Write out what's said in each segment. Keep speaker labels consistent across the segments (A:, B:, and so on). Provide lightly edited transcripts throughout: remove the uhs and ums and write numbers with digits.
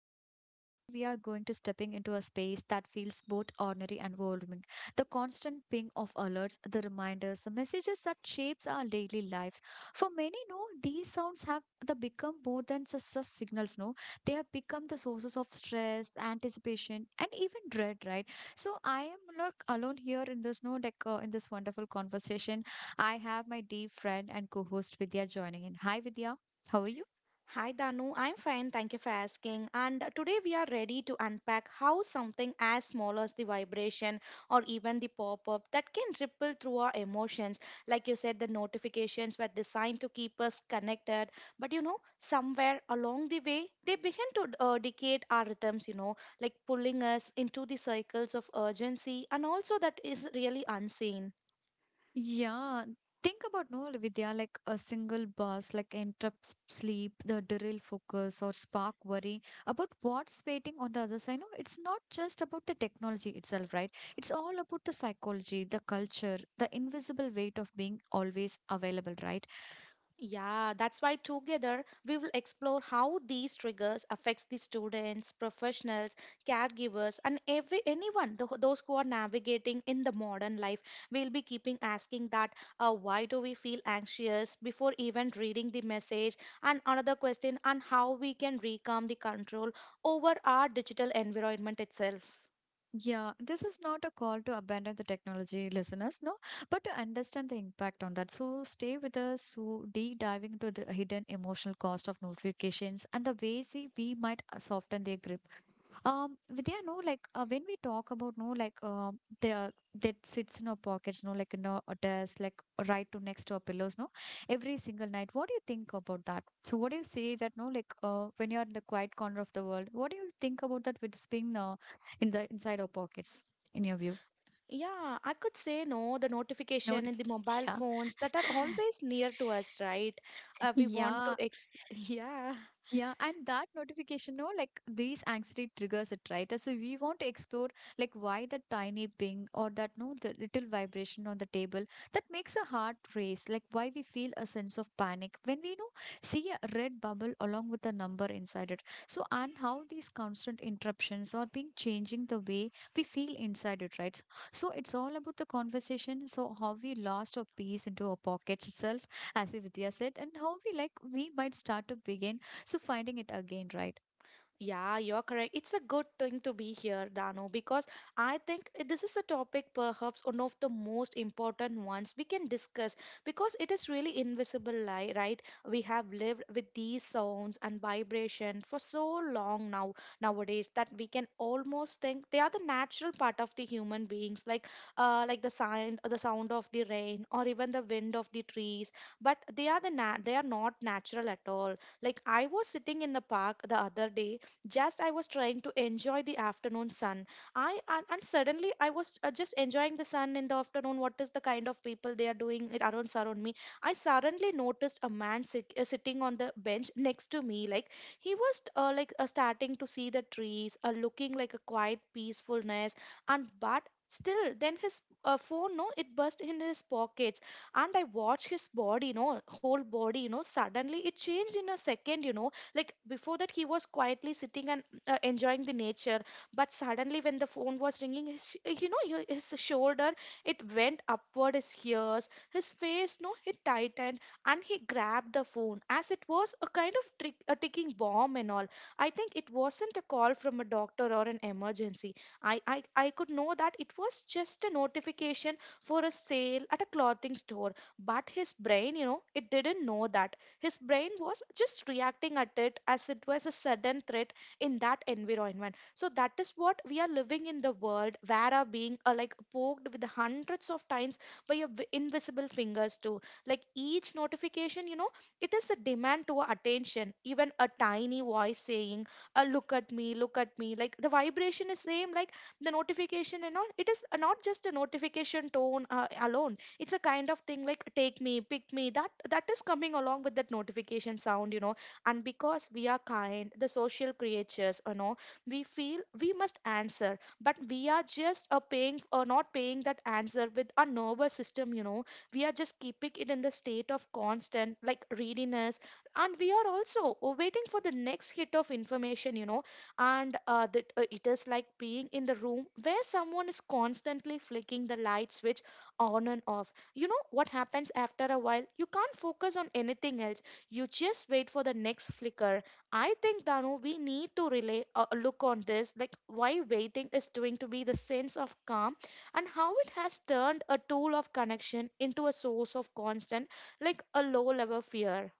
A: your host, and today we are going to stepping into a space that feels both ordinary and overwhelming. The constant ping of alerts, the reminders, the messages that shapes our daily lives. For many, no, these sounds have the become more than just signals, no. They have become the sources of stress, anticipation, and even dread, right? So I am not alone here in this, no, like in this wonderful conversation. I have my dear friend and co-host Vidya joining in. Hi Vidya, how are you?
B: Hi Danu, I'm fine, thank you for asking. And today we are ready to unpack how something as small as the vibration or even the pop up that can ripple through our emotions. Like you said, the notifications were designed to keep us connected, but you know, somewhere along the way, they begin to dictate our rhythms, you know, like pulling us into the cycles of urgency and also that is really unseen.
A: Yeah, think about no Vidya, like a single buzz, like interrupts sleep, the derail focus, or spark worry about what's waiting on the other side. No, it's not just about the technology itself, right? It's all about the psychology, the culture, the invisible weight of being always available, right?
B: Yeah, that's why together we will explore how these triggers affects the students, professionals, caregivers and every anyone the, those who are navigating in the modern life. We'll be keeping asking that why do we feel anxious before even reading the message and another question on how we can reclaim the control over our digital environment itself.
A: Yeah, this is not a call to abandon the technology, listeners, no, but to understand the impact on that. So stay with us, so deep diving into the hidden emotional cost of notifications and the ways we might soften their grip. Vidya, no, like when we talk about no, like the that sits in our pockets, no, like in our desk, like right to next to our pillows, no, every single night. What do you think about that? So, what do you say that no, like when you're in the quiet corner of the world, what do you think about that? Which been in the inside our pockets, in your view?
B: Yeah, I could say no, the notification in the
A: Notification,
B: mobile phones that are
A: yeah.
B: always near to us, right? We want to
A: Yeah,
B: exp yeah,
A: yeah, and that notification, no, like these anxiety triggers it, right? So we want to explore like why that tiny ping or that no, the little vibration on the table that makes a heart race, like why we feel a sense of panic when we see a red bubble along with a number inside it. So and how these constant interruptions are being changing the way we feel inside it, right? So it's all about the conversation. So how we lost our peace into our pockets itself, as Vidya said, and how we like we might start to begin so finding it again, right?
B: yeah, you're correct. It's a good thing to be here, Dano, because I think this is a topic perhaps one of the most important ones we can discuss because it is really invisible lie, right? We have lived with these sounds and vibration for so long now nowadays that we can almost think they are the natural part of the human beings, like the sound of the rain or even the wind of the trees. But they are they are not natural at all. Like I was sitting in the park the other day, just I was trying to enjoy the afternoon sun. I And suddenly I was just enjoying the sun in the afternoon, what is the kind of people they are doing it around surround me. I suddenly noticed a man sitting on the bench next to me, like he was like starting to see the trees, looking like a quiet peacefulness, and but still then his phone, no, it burst in his pockets. And I watched his body, you know, whole body, you know, suddenly it changed in a second, you know, like before that, he was quietly sitting and enjoying the nature. But suddenly, when the phone was ringing, his, you know, his shoulder, it went upward, his ears, his face, no, it tightened, and he grabbed the phone as it was a kind of trick, a ticking bomb and all. I think it wasn't a call from a doctor or an emergency. I could know that it was just a notification for a sale at a clothing store. But his brain, you know, it didn't know that. His brain was just reacting at it as it was a sudden threat in that environment. So that is what we are living in, the world where are being like poked with hundreds of times by your invisible fingers too. Like each notification, you know, it is a demand to our attention. Even a tiny voice saying, "Look at me, look at me." Like the vibration is same. Like the notification and all. It is not just a notification tone alone, it's a kind of thing like take me pick me, that is coming along with that notification sound, you know. And because we are kind the social creatures, you know, we feel we must answer, but we are just paying or not paying that answer with our nervous system, you know. We are just keeping it in the state of constant like readiness, and we are also waiting for the next hit of information, you know. And that it is like being in the room where someone is constantly flicking the light switch on and off. You know what happens after a while, you can't focus on anything else, you just wait for the next flicker. I think Danu, we need to relay a look on this, like why waiting is doing to be the sense of calm, and how it has turned a tool of connection into a source of constant like a low level fear.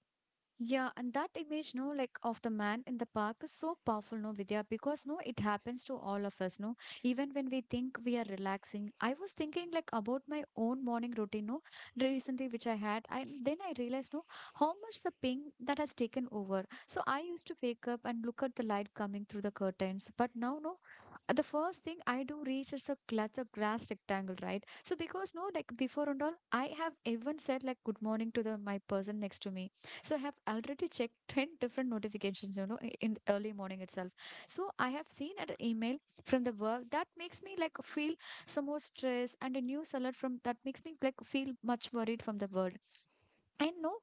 A: Yeah, and that image, no, like of the man in the park is so powerful, no, Vidya, because no, it happens to all of us, no. Even when we think we are relaxing, I was thinking like about my own morning routine, no, recently which I had, and then I realized, no, how much the ping that has taken over. So I used to wake up and look at the light coming through the curtains, but now, no, the first thing I do reach is a glass, a grass rectangle, right? So because no, like before and all, I have even said like good morning to the my person next to me, so I have already checked 10 different notifications, in the early morning itself. So I have seen an email from the work that makes me like feel some more stress, and a news alert from that makes me like feel much worried from the world. I know,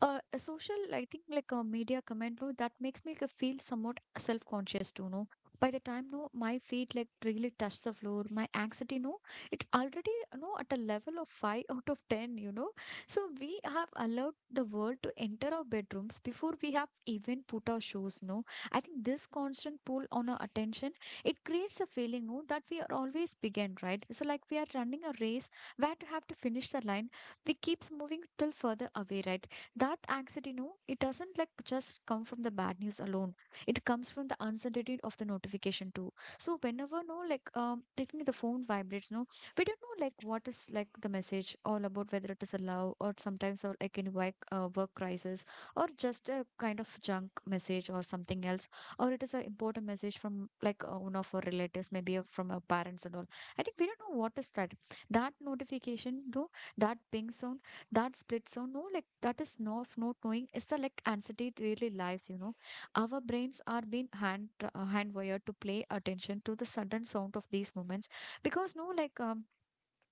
A: a social, I think, like a media comment, no, that makes me like, feel somewhat self conscious too, no. By the time, no, my feet like really touch the floor, my anxiety, no, it already, no, at a level of 5 out of 10, you know. So we have allowed the world to enter our bedrooms before we have even put our shoes, no. I think this constant pull on our attention, it creates a feeling, no, that we are always behind, right? So, like, we are running a race where to have to finish the line we keeps moving till further away, right? That anxiety, no, it doesn't like just come from the bad news alone. It comes from the uncertainty of the notification too. So whenever, no, like taking the phone vibrates, no, we don't know like what is like the message all about, whether it is a love or sometimes or like any work crisis, or just a kind of junk message or something else, or it is an important message from like one of our relatives, maybe from our parents and all. I think we don't know what is that notification though, that ping sound, that split sound, no, like that is not knowing. It's the like anxiety it really lives, you know. Our brains are being hand wired to play attention to the sudden sound of these moments, because no, like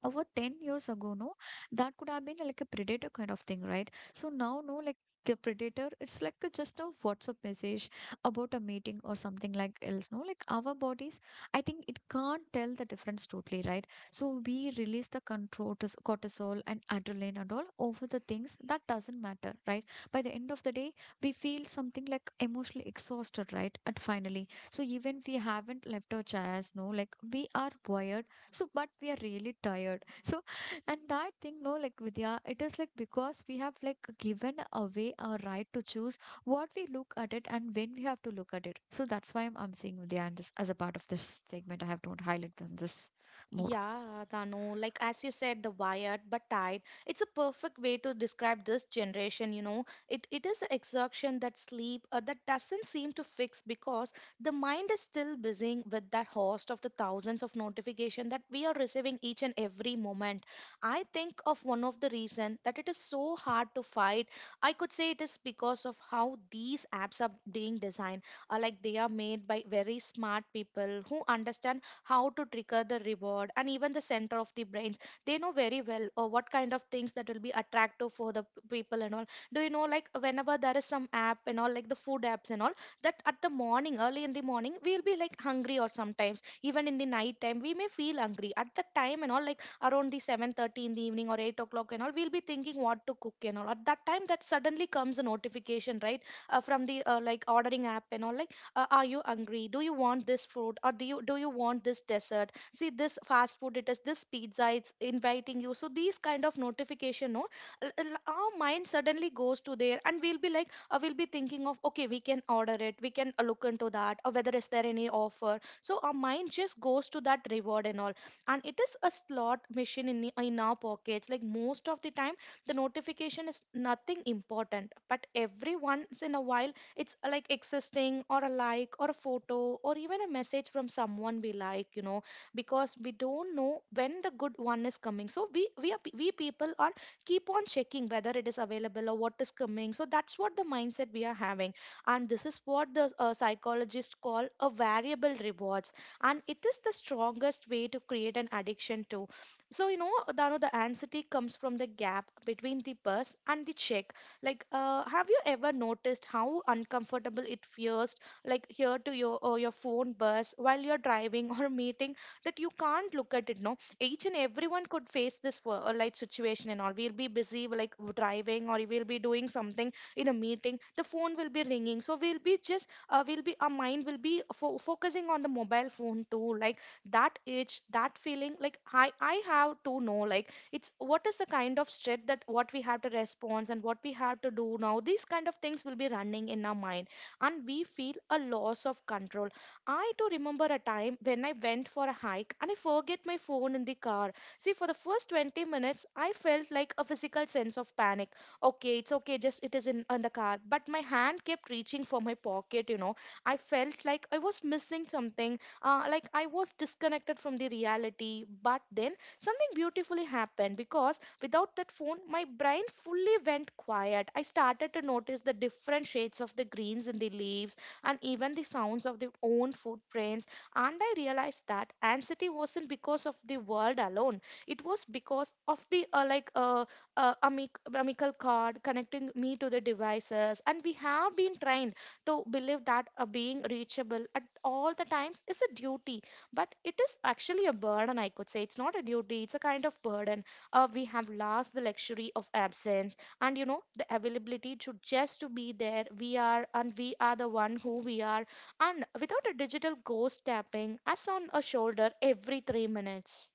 A: over 10 years ago, no, that could have been like a predator kind of thing, right? So now, no, like the predator it's like just a whatsapp message about a meeting or something like else, no, like our bodies, I think it can't tell the difference totally, right? So we release the control, cortisol and adrenaline and all, over the things that doesn't matter, right? By the end of the day we feel something like emotionally exhausted, right? At finally, so even we haven't left our chairs, no, like we are wired, so, but we are really tired, so. And that thing, no, like Vidya, it is like because we have like given away our right to choose what we look at it and when we have to look at it. So that's why I'm seeing Vidya, and this as a part of this segment I have to highlight them this more.
B: Yeah, Danu, like as you said, the wired but tied. It's a perfect way to describe this generation, you know. It is an exhaustion that sleep that doesn't seem to fix, because the mind is still busy with that host of the thousands of notification that we are receiving each and every moment. I think of one of the reason that it is so hard to fight. I could say it is because of how these apps are being designed. Like they are made by very smart people who understand how to trigger the reward and even the center of the brains. They know very well or what kind of things that will be attractive for the people and all. Do you know, like whenever there is some app and all, like the food apps and all, that at the morning, early in the morning we'll be like hungry, or sometimes even in the night time we may feel hungry at that time and all, like around the 7:30 in the evening or 8 o'clock and all, we'll be thinking what to cook and all at that time. That suddenly comes a notification, right? From the like ordering app and all, like, are you hungry, do you want this food, or do you want this dessert, see this fast food, it is this pizza, it's inviting you. So these kind of notification, no, our mind suddenly goes to there, and we'll be like we'll be thinking of, okay, we can order it, we can look into that, or whether is there any offer. So our mind just goes to that reward and all. And it is a slot machine in the in our pockets. Like most of the time the notification is nothing important, but every once in a while it's like existing, or a like, or a photo, or even a message from someone we like, you know. Because we don't know when the good one is coming, so we people are keep on checking whether it is available or what is coming. So that's what the mindset we are having. And this is what the psychologists call a variable rewards, and it is the strongest way to create an addiction too. So you know Dano, the anxiety comes from the gap between the buzz and the check. Like, have you ever noticed how uncomfortable it feels, like here to your or your phone buzz while you're driving or meeting, that you can't look at it? No, each and everyone could face this like situation and all. We'll be busy like driving, or we'll be doing something in a meeting. The phone will be ringing, so we'll be just we'll be, our mind will be focusing on the mobile phone too. Like that itch, that feeling. Like I have to know, like it's what is the kind of stress that what we have to respond and what we have to do now, these kind of things will be running in our mind. And we feel a loss of control. I do remember a time when I went for a hike and I forget my phone in the car. See, for the first 20 minutes I felt like a physical sense of panic. Okay, it's okay, just it is in the car, but my hand kept reaching for my pocket, you know. I felt like I was missing something, like I was disconnected from the reality. But then something beautifully happened, because without that phone, my brain fully went quiet. I started to notice the different shades of the greens in the leaves, and even the sounds of their own footprints. And I realized that anxiety wasn't because of the world alone. It was because of the amical cord connecting me to the devices. And we have been trained to believe that being reachable at all the times is a duty, but it is actually a burden. I could say it's not a duty, it's a kind of burden. We have lost the luxury of absence, and you know the availability to just to be there we are, and we are the one who we are, and without a digital ghost tapping us on a shoulder every 3 minutes.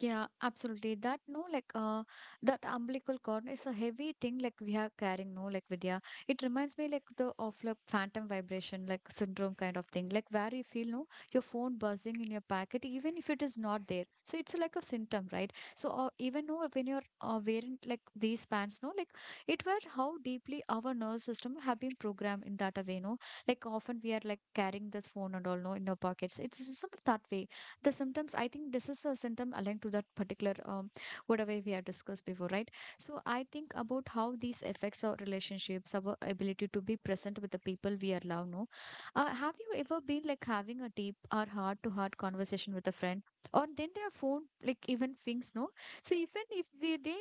A: Yeah, absolutely. That no, like that umbilical cord is a heavy thing. Like we are carrying, no, like Vidya. It reminds me like the of like phantom vibration, like syndrome kind of thing. Like where you feel no, your phone buzzing in your pocket, even if it is not there. So it's like a symptom, right? So even no, when you're wearing like these pants, no, like it was how deeply our nervous system have been programmed in that a way, no. Like often we are like carrying this phone and all, no, in our pockets. It's just that way the symptoms, I think this is a symptom aligned to that particular whatever we have discussed before, right? So I think about how these affects our relationships, our ability to be present with the people we are love, no. Have you ever been like having a deep or heart to heart conversation with a friend, or then their phone like even things, no? So even if they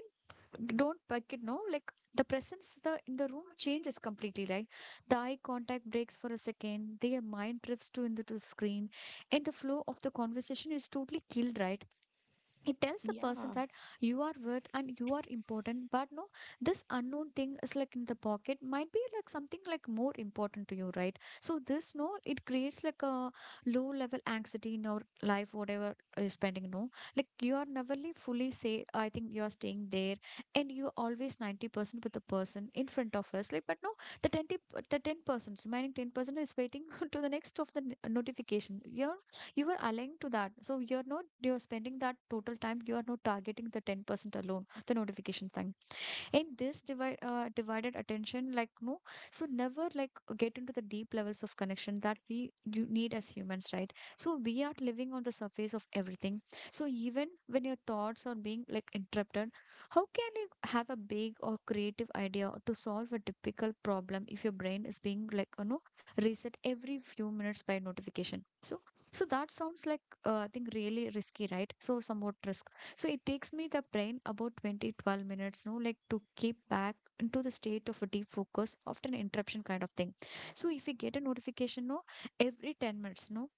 A: don't like it, no, like the presence the in the room changes completely, right? The eye contact breaks for a second, their mind drifts to into the screen, and the flow of the conversation is totally killed, right? It tells the person
B: Yeah.
A: that you are worth and you are important, but no, this unknown thing is like in the pocket might be like something like more important to you, right? So this no it creates like a low level anxiety in your life whatever you're spending, no, like you are never really fully say. I think you are staying there, and you always 90% with the person in front of us, like, but no, the 20, the 10% remaining 10% is waiting to the next of the notification. Your you are aligned to that, so you're not you're spending that total time, you are not targeting the 10% alone, the notification thing. In this divided attention like no, so never like get into the deep levels of connection that we you need as humans, right? So we are living on the surface of everything. So even when your thoughts are being like interrupted, how can you have a big or creative idea to solve a difficult problem if your brain is being like reset every few minutes by notification? So that sounds like I think really risky, right? So somewhat risk, so it takes me the brain about 20 12 minutes, no, like to keep back into the state of a deep focus, often interruption kind of thing. So if we get a notification, no, every 10 minutes, no,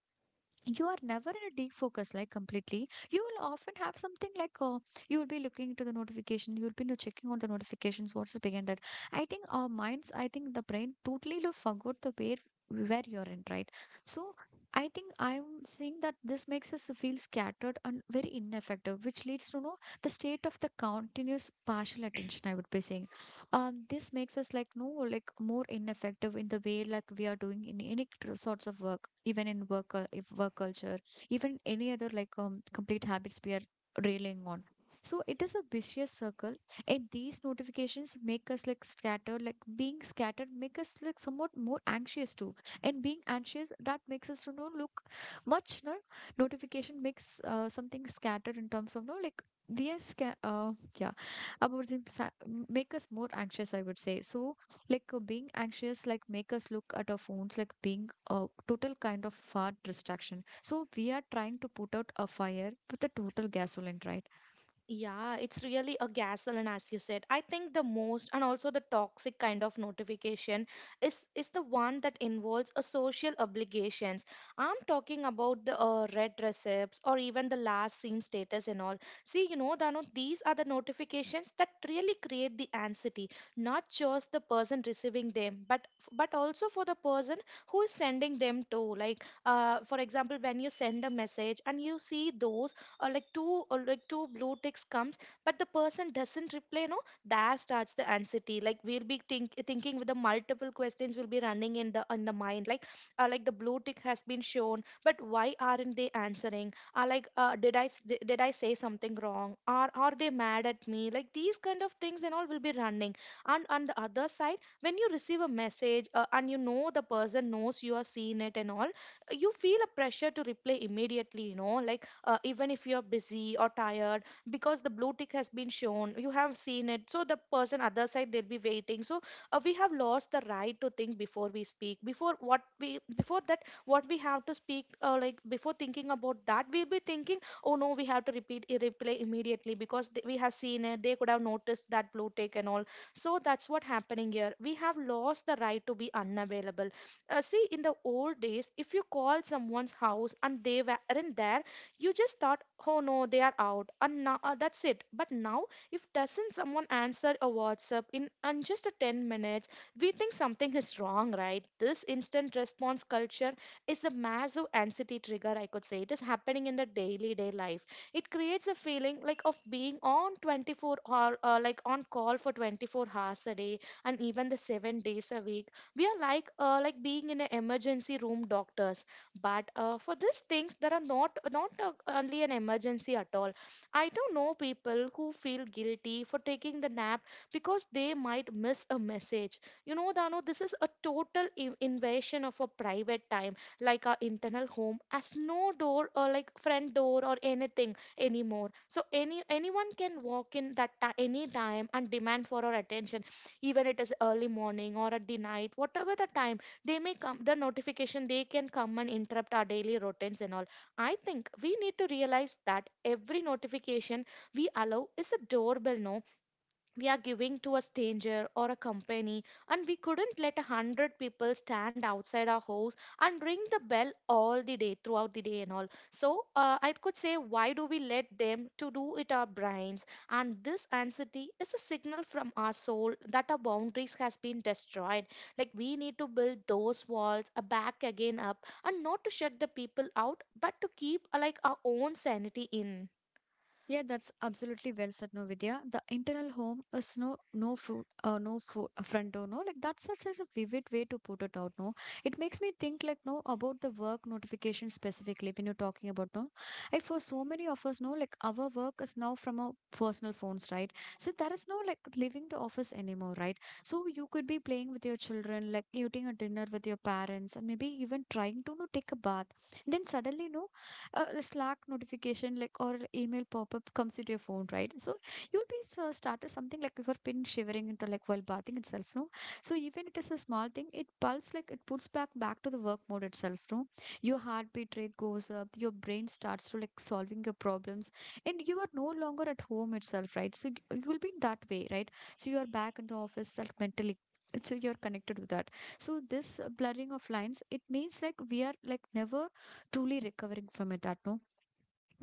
A: you are never in a deep focus like completely. You will often have something like you will be looking into the notification. You will be checking on the notifications what's behind that. I think the brain totally forgot the where you're in, right? So I'm seeing that this makes us feel scattered and very ineffective, which leads to know the state of the continuous partial attention, I would be saying. This makes us like no, like more ineffective in the way like we are doing in any sorts of work, even in if work culture, even any other like complete habits we are railing on. So it is a vicious circle, and these notifications make us like scattered, like being scattered make us like somewhat more anxious too. And being anxious, that makes us to know look much no. Notification makes something scattered in terms of no, like we are yeah, overthink, make us more anxious, I would say. So like being anxious, like make us look at our phones like being a total kind of far distraction. So we are trying to put out a fire with a total gasoline, right?
B: Yeah, it's really a gaslight, as you said. I think the most and also the toxic kind of notification is the one that involves a social obligations. I'm talking about the red receipts or even the last seen status and all. See, you know, Danu, these are the notifications that really create the anxiety, not just the person receiving them, but also for the person who is sending them to. Like, for example, when you send a message and you see those or like two blue ticks comes but the person doesn't reply no, there starts the anxiety. Like we'll be thinking with the multiple questions will be running in the mind like the blue tick has been shown but why aren't they answering, like did I say something wrong? Are they mad at me? Like these kind of things and all will be running. And on the other side, when you receive a message and you know the person knows you are seeing it and all, you feel a pressure to reply immediately, you know, like even if you're busy or tired, because the blue tick has been shown, you have seen it, so the person other side, they'll be waiting. So we have lost the right to think before we speak, before what we before that what we have to speak, like before thinking about that, we'll be thinking, oh no, we have to reply immediately because we have seen it, they could have noticed that blue tick and all. So that's what happening here, we have lost the right to be unavailable. See, in the old days, if you call someone's house and they weren't there, you just thought, oh no, they are out, and now that's it. But now if doesn't someone answer a WhatsApp in just a 10 minutes, we think something is wrong, right? This instant response culture is a massive anxiety trigger, I could say. It is happening in the daily day life. It creates a feeling like of being on 24 hour, like on call for 24 hours a day and even the 7 days a week. We are like being in an emergency room doctors, but for these things, there are not only an emergency at all. I do know people who feel guilty for taking the nap because they might miss a message. You know, Dano, this is a total invasion of a private time, like our internal home, as no door or like front door or anything anymore. So anyone can walk in any time and demand for our attention, even it is early morning or at the night, whatever the time, they may come, the notification they can come and interrupt our daily routines and all. I think we need to realize that every notification we allow is a doorbell, no, we are giving to a stranger or a company. And we couldn't let a hundred people stand outside our house and ring the bell all the day throughout the day and all. So I could say, why do we let them to do it our brains? And this anxiety is a signal from our soul that our boundaries has been destroyed. Like, we need to build those walls back again up, and not to shut the people out but to keep like our own sanity in.
A: Yeah, that's absolutely well said, no, Vidya. The internal home is no no fruit, no front door, no. Like that's such a vivid way to put it out, no. It makes me think, like, no, about the work notification specifically when you're talking about, no. Like for so many of us, no, like our work is now from our personal phones, right? So there is no like leaving the office anymore, right? So you could be playing with your children, like eating a dinner with your parents, and maybe even trying to no, take a bath. And then suddenly, no, a slack notification like or email pop-up comes into your phone, right? So you'll be so started something like your pin shivering into like while bathing itself, no. So even it is a small thing, it pulse like it puts back to the work mode itself, no. Your heartbeat rate goes up, your brain starts to like solving your problems, and you are no longer at home itself, right? So you'll be in that way, right? So you are back in the office like mentally, so you're connected to that. So this blurring of lines, it means like we are like never truly recovering from it, that no,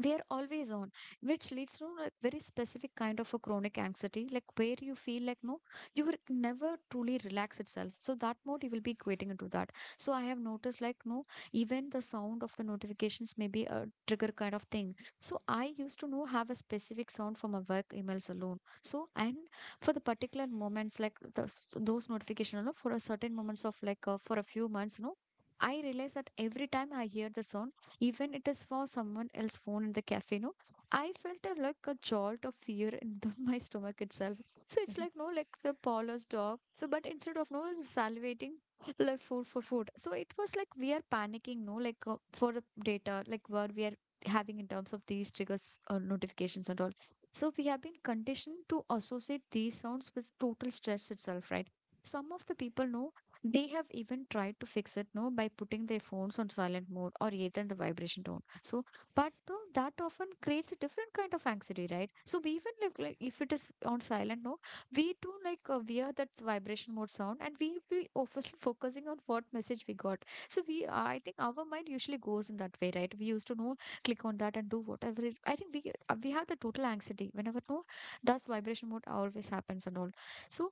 A: we are always on, which leads to a very specific kind of a chronic anxiety, like where you feel like no, you will never truly relax itself, so that mode you will be getting into that. So I have noticed like no, even the sound of the notifications may be a trigger kind of thing. So I used to know have a specific sound for my work emails alone, so and for the particular moments like those notification alone for a certain moments of like for a few months, no. I realize that every time I hear the sound, even it is for someone else's phone in the cafe, no, I felt a, like a jolt of fear in the, my stomach itself. So it's like no, like the Paula's dog, so, but instead of no, salivating like food for food, so it was like we are panicking, no, like for the data like what we are having in terms of these triggers or notifications and all. So we have been conditioned to associate these sounds with total stress itself, right? Some of the people know, they have even tried to fix it no, by putting their phones on silent mode or either in the vibration tone. So, but no, that often creates a different kind of anxiety, right? So we even like if it is on silent no, we do like we that vibration mode sound, and we be obviously focusing on what message we got. So we, I think our mind usually goes in that way, right? We used to know click on that and do whatever. It, I think we have the total anxiety whenever no, thus vibration mode always happens and all. So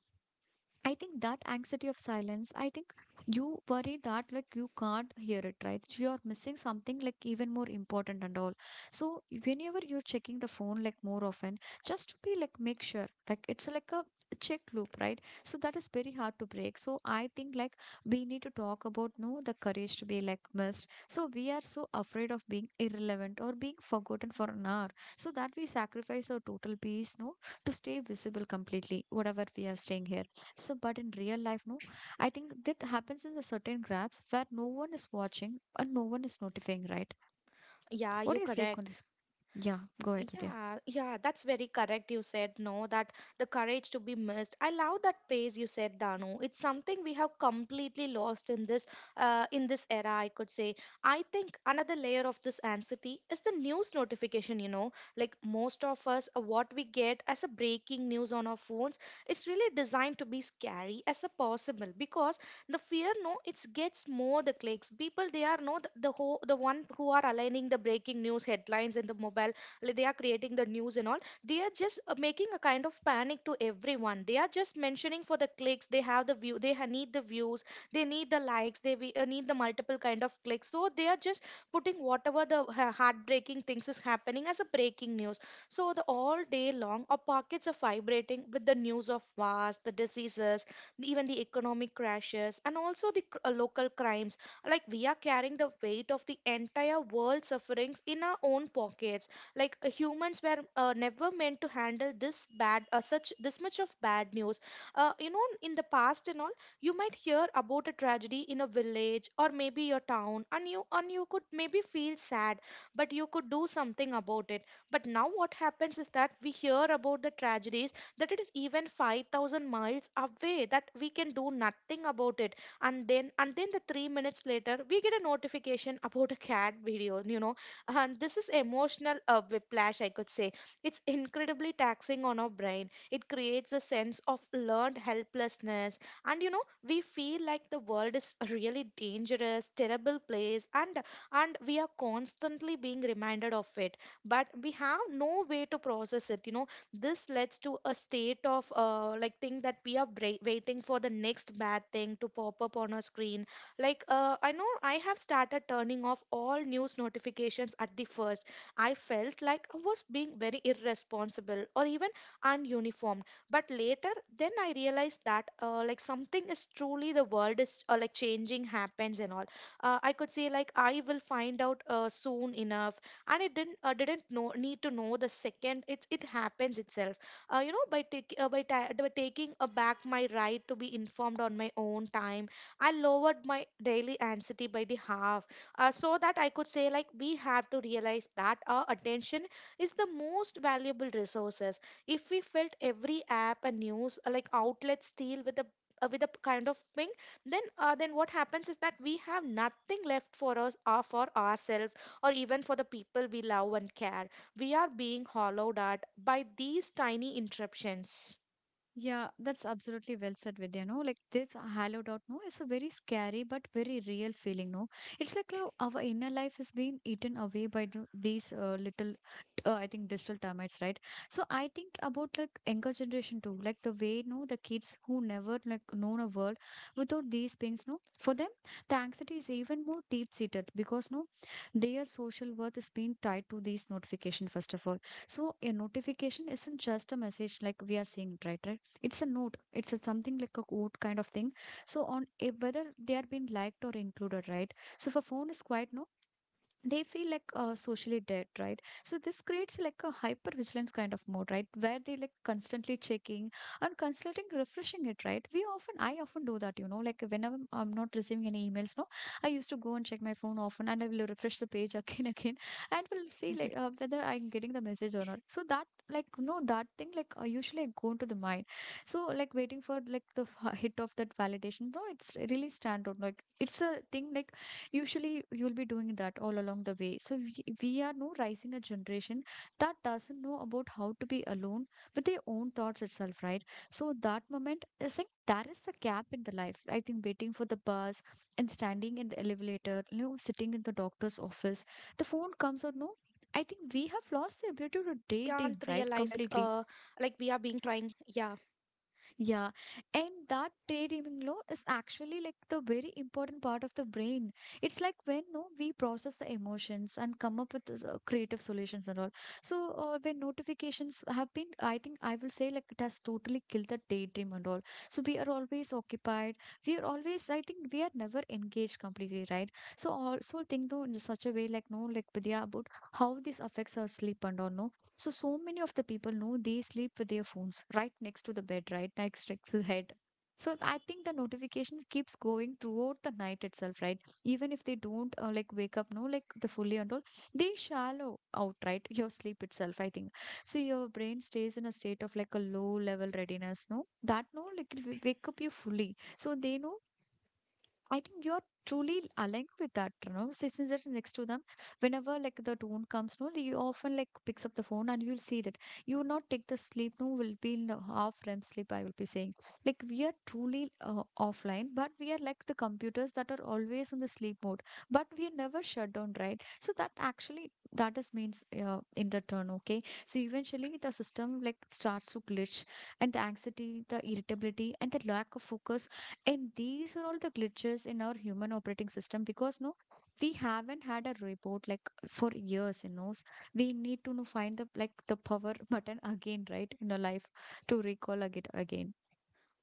A: I think that anxiety of silence, I think you worry that like you can't hear it, right? So you're missing something like even more important and all. So whenever you're checking the phone like more often, just to be like make sure, like it's like a check loop, right? So that is very hard to break. So I think like we need to talk about no the courage to be like missed. So we are so afraid of being irrelevant or being forgotten for an hour. So that we sacrifice our total peace, no, to stay visible completely, whatever we are staying here. So, but in real life, no, I think that happens in the certain grabs where no one is watching and no one is notifying, right?
B: Yeah,
A: What
B: you
A: do you say,
B: correct.
A: Kundis? Yeah, go ahead, Vidya.
B: Yeah, yeah, that's very correct. You said no, that the courage to be missed. I love that phrase you said, Danu. It's something we have completely lost in this era, I could say. I think another layer of this anxiety is the news notification. You know, like most of us, what we get as a breaking news on our phones, it's really designed to be scary as a possible because the fear, no, it gets more the clicks. People, they are not the whole, the one who are aligning the breaking news headlines in the mobile, like they are creating the news and all, they are just making a kind of panic to everyone. They are just mentioning for the clicks, they have the view, need the views, they need the likes, need the multiple kind of clicks. So they are just putting whatever the heartbreaking things is happening as a breaking news. So the all day long, our pockets are vibrating with the news of wars, the diseases, even the economic crashes, and also the local crimes. Like we are carrying the weight of the entire world sufferings in our own pockets. Like humans were never meant to handle this bad such this much of bad news. You know, in the past and all, you might hear about a tragedy in a village or maybe your town, and you could maybe feel sad, but you could do something about it. But now what happens is that we hear about the tragedies that it is even 5000 miles away that we can do nothing about it. And then the 3 minutes later we get a notification about a cat video, you know. And this is emotional whiplash, I could say. It's incredibly taxing on our brain. It creates a sense of learned helplessness. And you know, we feel like the world is a really dangerous, terrible place, and we are constantly being reminded of it. But we have no way to process it. You know, this leads to a state of like thing that we are waiting for the next bad thing to pop up on our screen. Like, I know I have started turning off all news notifications at the first. I felt like I was being very irresponsible or even ununiformed. But later, then I realized that like something is truly the world is like changing happens and all. I could say, like, I will find out soon enough, and it didn't know need to know the second it it happens itself. You know, by taking by taking back my right to be informed on my own time, I lowered my daily anxiety by the half. So that I could say, like, we have to realize that our attention is the most valuable resources. If we felt every app and news like outlet steal with a kind of ping, then what happens is that we have nothing left for us or for ourselves or even for the people we love and care. We are being hollowed out by these tiny interruptions.
A: Yeah, that's absolutely well said, Vidya. No, like this hollowed out, no, is a very scary but very real feeling. No, it's like how our inner life is being eaten away by the- these little, I think, digital termites, right? So I think about like younger generation too, like the way, no, the kids who never like known a world without these things, no, for them, the anxiety is even more deep seated because no, their social worth is being tied to these notification first of all. So a notification isn't just a message like we are seeing, right? Right, it's a note, it's a something like a quote kind of thing, so on if whether they are being liked or included, right? So if a phone is quiet, no, they feel like socially dead, right? So this creates like a hyper vigilance kind of mode, right, where they like constantly checking and constantly refreshing it, right? We often, I often do that, you know, like whenever I'm not receiving any emails, no, I used to go and check my phone often and I will refresh the page again again, and will see like whether I'm getting the message or not. So that like no, that thing like usually I go into the mind, so like waiting for like the hit of that validation, no, it's really stand out, like it's a thing like usually you'll be doing that all along the way. So we are now rising a generation that doesn't know about how to be alone with their own thoughts itself, right? So that moment is like there is the gap in the
B: Yeah.
A: life, I think, waiting for the
B: That
A: bus
B: moment we
A: and
B: can't
A: standing
B: realize
A: in the
B: how it is
A: elevator, you
B: happening
A: know,
B: and all.
A: sitting in the
B: It's a
A: doctor's
B: kind of
A: office,
B: thing
A: the
B: that it is
A: phone comes out,
B: always
A: no.
B: happening
A: I think we have lost the ability
B: like
A: to
B: we are being
A: daydream,
B: trying,
A: right? Completely.
B: yeah.
A: Yeah, and that daydreaming law is actually like the very important part of the brain. It's like when no, we process the emotions and come up with creative solutions and all. So when notifications have been, I think I will say like it has totally killed the daydream and all. So we are always occupied. We are always, I think, we are never engaged completely, right? So also think though in such a way like no, like Vidya about how this affects our sleep and all. No, so, so many of the people know they sleep with their phones right next to the bed, right next to the head. So, I think the notification keeps going throughout the night itself, right? Even if they don't like wake up, no, like the fully and all, they shallow out, right? Your sleep itself, I think. So, your brain stays in a state of like a low level readiness, no? That no, like it will wake up you fully. So, they know I think you're truly aligned with that, you know, Since there next to them. Whenever like the tone comes, no, you often like picks up the phone and you'll see that you will not take the sleep, no, will be in the half REM sleep. I will be saying like we are truly offline, but we are like the computers that are always on the sleep mode, but we are never shut down, right? So that actually that is means in the turn, okay. So eventually the system like starts to glitch, and the anxiety, the irritability, and the lack of focus, and these are all the glitches in our human operating system because no, we haven't had a report like for years, you know. We need to know, find the like the power button again, right, in our life to recall again again.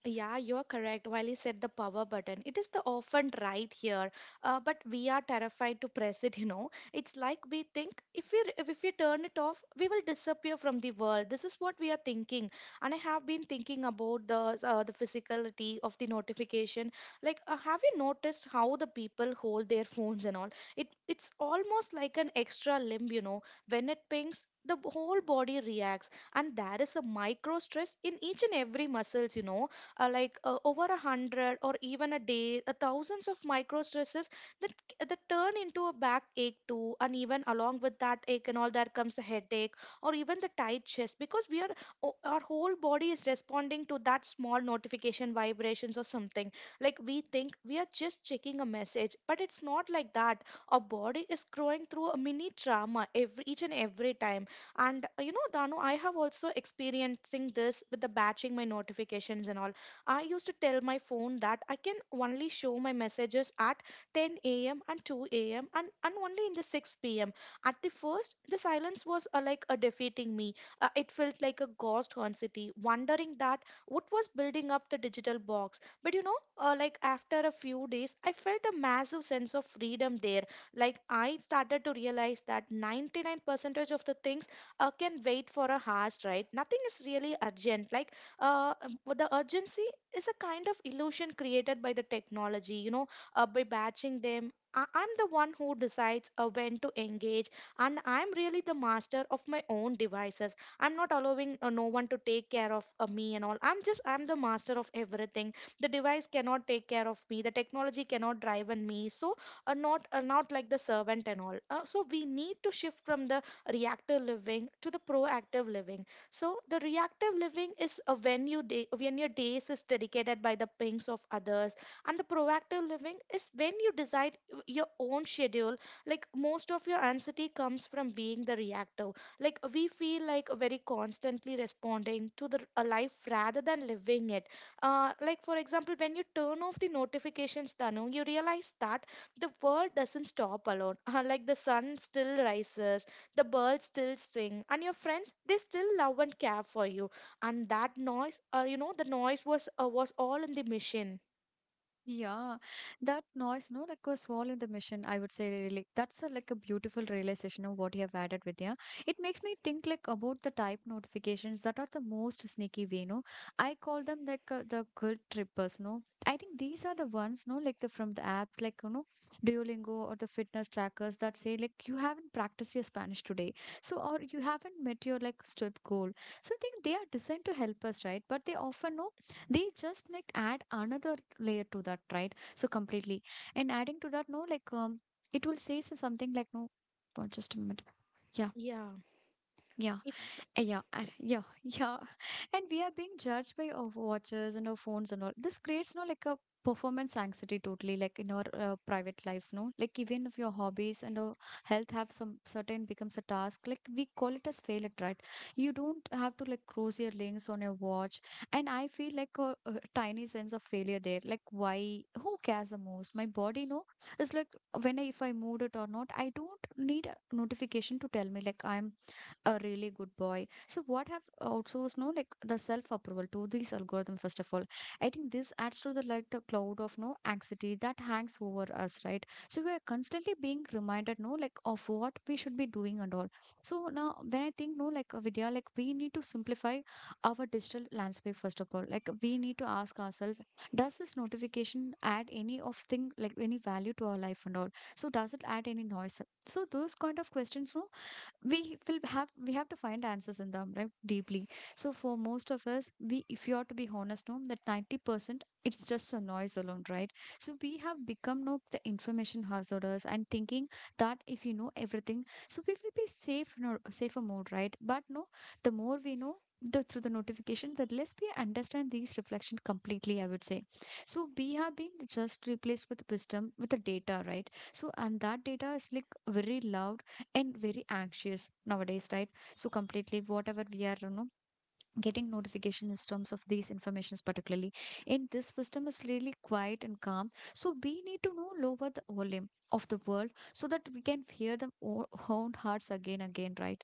B: Yeah, you're correct. While you said the power button, it is the often right here, but we are terrified to press it. You know, it's like we think if we if we turn it off, we will disappear from the world. This is what we are thinking, and I have been thinking about the physicality of the notification. Like, have you noticed how the people hold their phones and all? It it's almost like an extra limb. You know, when it pings, whole body reacts, and there is a micro stress in each and every muscles. You know, over a hundred or even a day, thousands of micro stresses that that turn into a backache too, and even along with that ache and all, there comes the headache or even the tight chest, because we are our whole body is responding to that small notification vibrations or something. Like we think we are just checking a message, but it's not like that. Our body is growing through a mini trauma every each and every time. And you know, Danu, I have also experiencing this with the batching my notifications and all. I used to tell my phone that I can only show my messages at 10 a.m. and 2 a.m. And only in the 6 p.m. At the first, the silence was like a defeating me. It felt like a ghost city, wondering that what was building up the digital box. But you know, like after a few days, I felt a massive sense of freedom there. Like I started to realize that 99% of the things can wait for a hours, right? Nothing is really urgent. Like the urgency is a kind of illusion created by the technology, you know, by batching them. I'm the one who decides when to engage, and I'm really the master of my own devices. I'm not allowing no one to take care of me and all. I'm just, I'm the master of everything. The device cannot take care of me, the technology cannot drive on me. So, not like the servant and all. So, we need to shift from the reactive living to the proactive living. So the reactive living is a when you day when your days is dedicated by the pings of others, and the proactive living is when you decide your own schedule. Like most of your anxiety comes from being the reactive. Like we feel like very constantly responding to the a life rather than living it. Like for example, when you turn off the notifications, Tanu, you realize that the world doesn't stop alone. Like the sun still rises, the birds still sing, and your friends they still love and care for you. And that noise, you know, the noise was was all in the machine.
A: Yeah, that noise, no, like was all in the mission, I would say, really. That's a, like a beautiful realization of what you have added, Vidya. It makes me think like about the type notifications that are the most sneaky way, no. I call them like the guilt trippers, no. I think these are the ones, no, like the from the apps, like you know, Duolingo or the fitness trackers that say like you haven't practiced your Spanish today, so or you haven't met your like step goal. So I think they are designed to help us, right? But they often no, they just like add another layer to that, right? So completely. And adding to that no, like it will say something like no. Oh, just a minute. Yeah.
B: Yeah,
A: Yeah.
B: it's.
A: Yeah, and yeah, yeah. And we are being judged by our watches and our phones and all. This creates, no, like a performance anxiety totally, like in our private lives, no? Like even if your hobbies and our health have some certain becomes a task, like we call it as failure, right? You don't have to like cross your links on your watch. And I feel like a tiny sense of failure there. Like why? Who cares the most? My body, no? It's like when I, if I moved it or not, I don't need a notification to tell me like I'm a really good boy. So what have outsourced no, like the self approval to these algorithm first of all. I think this adds to the like the cloud of no anxiety that hangs over us, right? So we are constantly being reminded no, like of what we should be doing and all. So now when I think no, like Vidya, like we need to simplify our digital landscape first of all. Like we need to ask ourselves, does this notification add any of thing, like any value to our life and all? So does it add any noise? So those kind of questions, no, we will have, we have to find answers in them, right? Deeply. So for most of us, we, if you are to be honest no, that 90% it's just a noise alone, right? So we have become no, the information hazarders, and thinking that if you know everything, so we will be safe, no, safer mode, right? But no, the more we know, the through the notification, the less we understand these reflection completely, I would say. So we have been just replaced with wisdom with the data, right? So, and that data is like very loud and very anxious nowadays, right? So completely whatever we are, you know, getting notification in terms of these informations, particularly in this system, is really quiet and calm. So we need to know lower the volume of the world, so that we can hear the own hearts again again, right?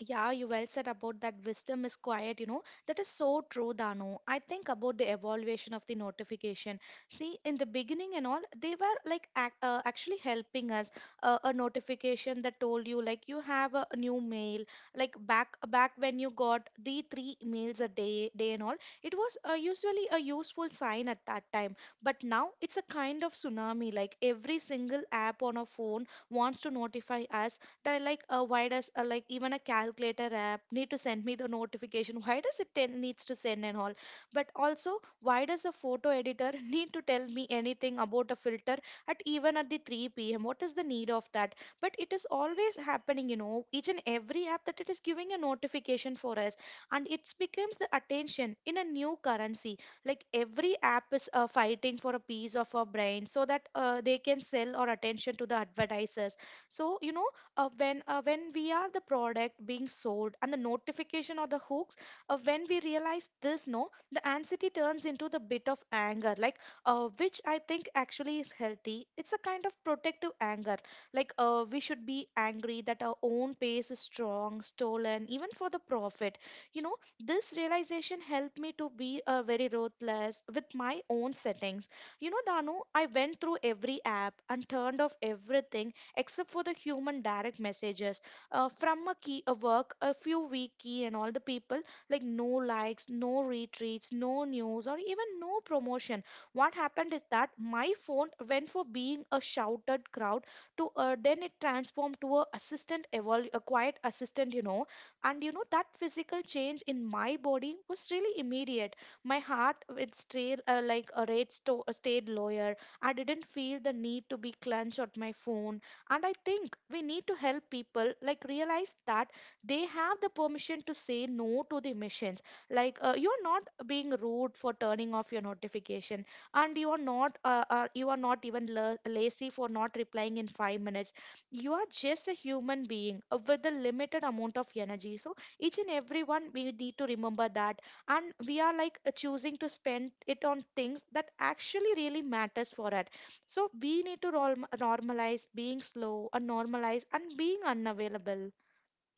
B: Yeah, you well said about that wisdom is quiet, you know. That is so true, Dano. I think about the evaluation of the notification. See, in the beginning and all, they were like actually helping us. A notification that told you like you have a new mail. Like back when you got the three mails a day, day and all, it was usually a useful sign at that time. But now it's a kind of tsunami. Like every single app on a phone wants to notify us that why does like even a calculator app need to send me the notification. Why does it needs to send and all? But also, why does a photo editor need to tell me anything about a filter at even at the 3 p.m.? What is the need of that? But it is always happening, you know, each and every app that it is giving a notification for us. And it becomes the attention in a new currency. Like every app is fighting for a piece of our brain so that they can sell our attention to the advertisers. So you know, when we are the product being sold and the notification or the hooks, when we realize this, no, the anxiety turns into the bit of anger. Like which I think actually is healthy. It's a kind of protective anger. Like we should be angry that our own pace is strong stolen even for the profit. You know, this realization helped me to be very ruthless with my own settings, you know, Danu. I went through every app and turned off everything except for the human direct messages, from a key a work a few week key and all the people. Like no likes, no retreats, no news, or even no promotion. What happened is that my phone went for being a shouted crowd to, then it transformed to a assistant a quiet assistant, you know. And you know that physical change in my body was really immediate. My heart it stayed like a rate stayed lower. I didn't feel the need to be clenched at my phone. And I think we need to help people like realize that they have the permission to say no to the missions. Like you're not being rude for turning off your notification, and you are not even lazy for not replying in 5 minutes. You are just a human being with a limited amount of energy. So each and everyone we need to remember that, and we are like choosing to spend it on things that actually really matters for us. So we need to normalize being slow and normalize and being unavailable.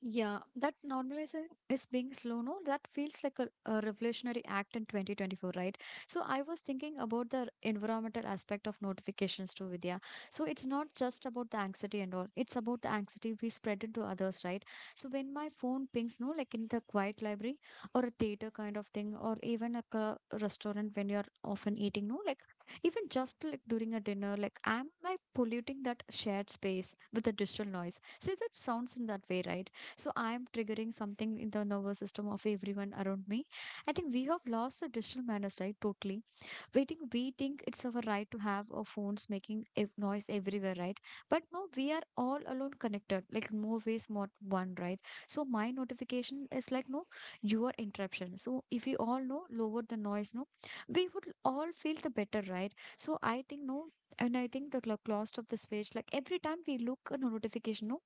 A: Yeah, that normalization is being slow, no? That feels like a revolutionary act in 2024, right? So I was thinking about the environmental aspect of notifications too, Vidya. So it's not just about the anxiety and all. It's about the anxiety we spread into others, right? So when my phone pings, no, like in the quiet library or a theater kind of thing, or even like a restaurant when you're often eating, no, like even just like during a dinner, like am I polluting that shared space with the digital noise? See, that sounds in that way, right? So I'm triggering something in the nervous system of everyone around me. I think we have lost the digital manners, right? Totally. Waiting, we think it's our right to have our phones making noise everywhere, right? But no, we are all alone connected like more ways, more one, right? So my notification is like no, your interruption. So if we all know lower the noise, no, we would all feel the better, right? So I think no, and I think the cost of the switch, like every time we look at a notification, no,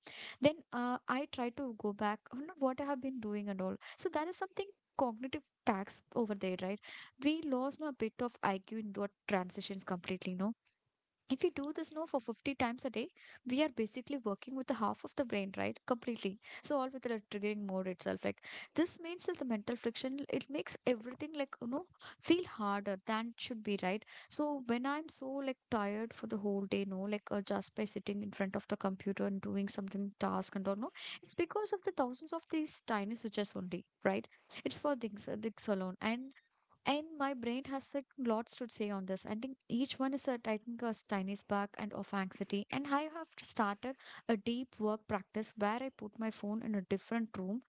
A: then I try to go back on what I have been doing and all, so that is something cognitive tax over there, right? We lost, no, a bit of IQ in what transitions completely, no? If we do this no for 50 times a day, we are basically working with the half of the brain, right? Completely. So all with the triggering mode itself. Like this means that the mental friction, it makes everything, like you know, feel harder than it should be, right? So when I'm so like tired for the whole day, no, like just by sitting in front of the computer and doing something task and all, no, it's because of the thousands of these tiny switches only, right? It's for things, things alone, and my brain has like lots to say on this. I think each one is a, I think, a tiny spark and of anxiety. And I have started a deep work practice where I put my phone in a different room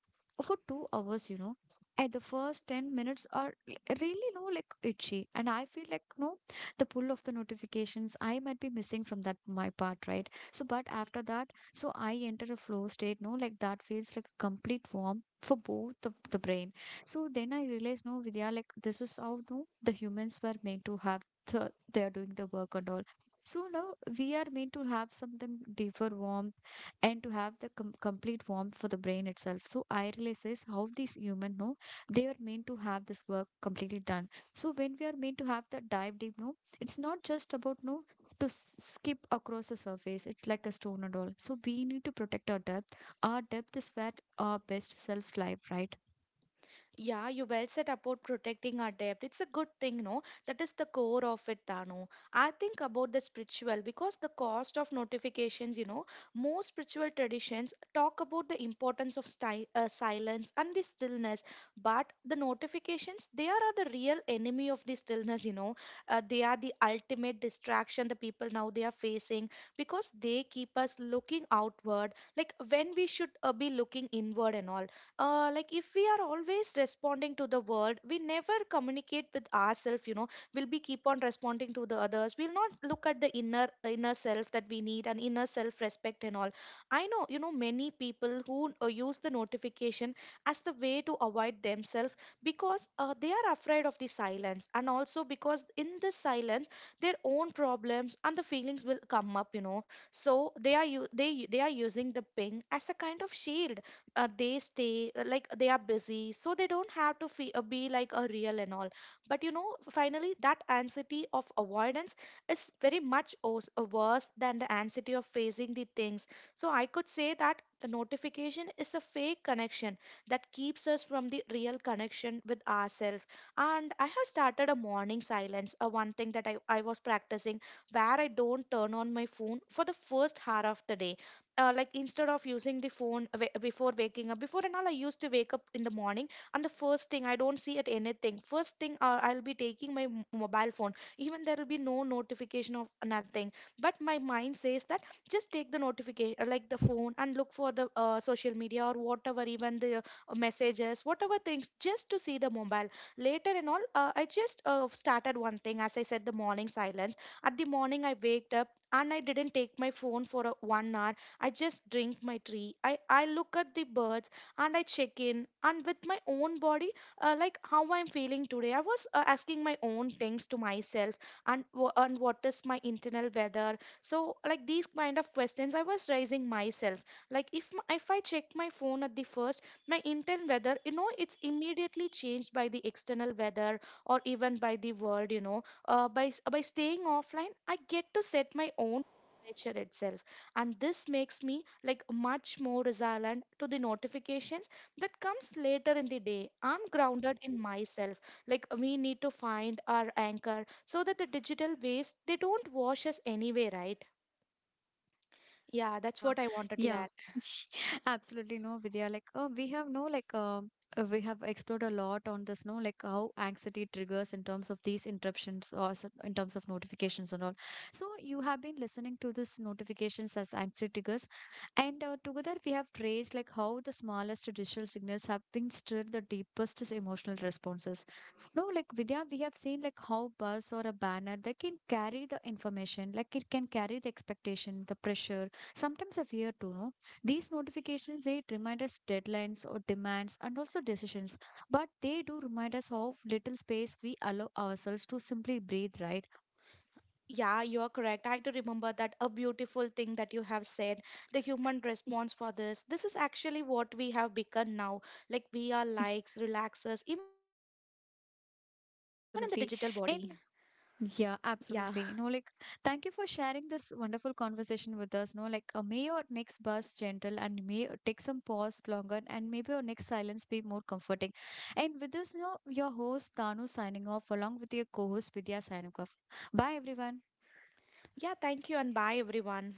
A: for 2 hours, you know. At the first 10 minutes are really, no, like itchy. And I feel like, no, the pull of the notifications, I might be missing from that, my part, right? So, but after that, so I enter a flow state, no, like that feels like a complete warm for both the brain. So then I realized, no, Vidya, like this is how no, the humans were meant to have. The, they are doing the work and all. So now we are meant to have something deeper warmth and to have the complete warmth for the brain itself. So I realize is how these human know, they are meant to have this work completely done. So when we are meant to have the dive deep, no, it's not just about no to skip across the surface. It's like a stone and all. So we need to protect our depth. Our depth is where our best selves live, right?
B: Yeah, you well said about protecting our depth. It's a good thing, no? That is the core of it, Tanu. I think about the spiritual because the cost of notifications, you know, most spiritual traditions talk about the importance of silence and the stillness, but the notifications, they are the real enemy of the stillness, you know. They are the ultimate distraction the people now they are facing, because they keep us looking outward, like when we should be looking inward and all. Like if we are always responding to the world, we never communicate with ourselves, you know. We'll be keep on responding to the others, we'll not look at the inner self that we need, and inner self respect and all. I know you know many people who use the notification as the way to avoid themselves, because they are afraid of the silence, and also because in the silence, their own problems and the feelings will come up, you know. So they are using the ping as a kind of shield. They stay like they are busy, so they don't have to be like a real and all. But you know, finally that anxiety of avoidance is very much worse than the anxiety of facing the things. So I could say that the notification is a fake connection that keeps us from the real connection with ourselves. And I have started a morning silence, one thing that I was practicing, where I don't turn on my phone for the first hour of the day. Like instead of using the phone before waking up before and all, I used to wake up in the morning, and the first thing I don't see at anything. First thing, I'll be taking my mobile phone, even there will be no notification of nothing, but my mind says that just take the notification like the phone and look for the social media or whatever, even the messages, whatever things, just to see the mobile later and all. I just started one thing, as I said, the morning silence. At the morning I waked up and I didn't take my phone for a, 1 hour. I just drink my tea. I look at the birds, and I check in and with my own body, like how I'm feeling today. I was asking my own things to myself, and and what is my internal weather. So like these kind of questions I was raising myself. Like if I check my phone at the first, my internal weather, you know, it's immediately changed by the external weather or even by the world. You know, by staying offline, I get to set my own nature itself, and this makes me like much more resilient to the notifications that comes later in the day. I'm grounded in myself. Like we need to find our anchor so that the digital waves they don't wash us anyway, right? Yeah, that's
A: Yeah,
B: what I wanted to
A: yeah,
B: add.
A: absolutely no, Vidya. Like, we have no, like, we have explored a lot on this, no, like how anxiety triggers in terms of these interruptions or in terms of notifications and all. So, you have been listening to this notifications as anxiety triggers, and together we have traced like how the smallest digital signals have been stirred the deepest emotional responses. No, like Vidya, we have seen like how buzz or a banner they can carry the information, like it can carry the expectation, the pressure. Sometimes I fear to know these notifications they remind us deadlines or demands and also decisions, but they do remind us of little space we allow ourselves to simply breathe, right?
B: Yeah, you're correct. I do remember that a beautiful thing that you have said. The human response for this is actually what we have become now. Like we are likes relaxers even in the digital body.
A: Yeah, absolutely. And
B: Yeah.
A: yeah, absolutely. No, like, thank you for sharing this wonderful conversation with us. No, like, may your next bus gentle and may take some pause longer and maybe your next silence be more comforting. And with this, now your host Tanu signing off along with your co-host Vidya signing off. Bye, everyone.
B: Yeah, thank you and bye everyone.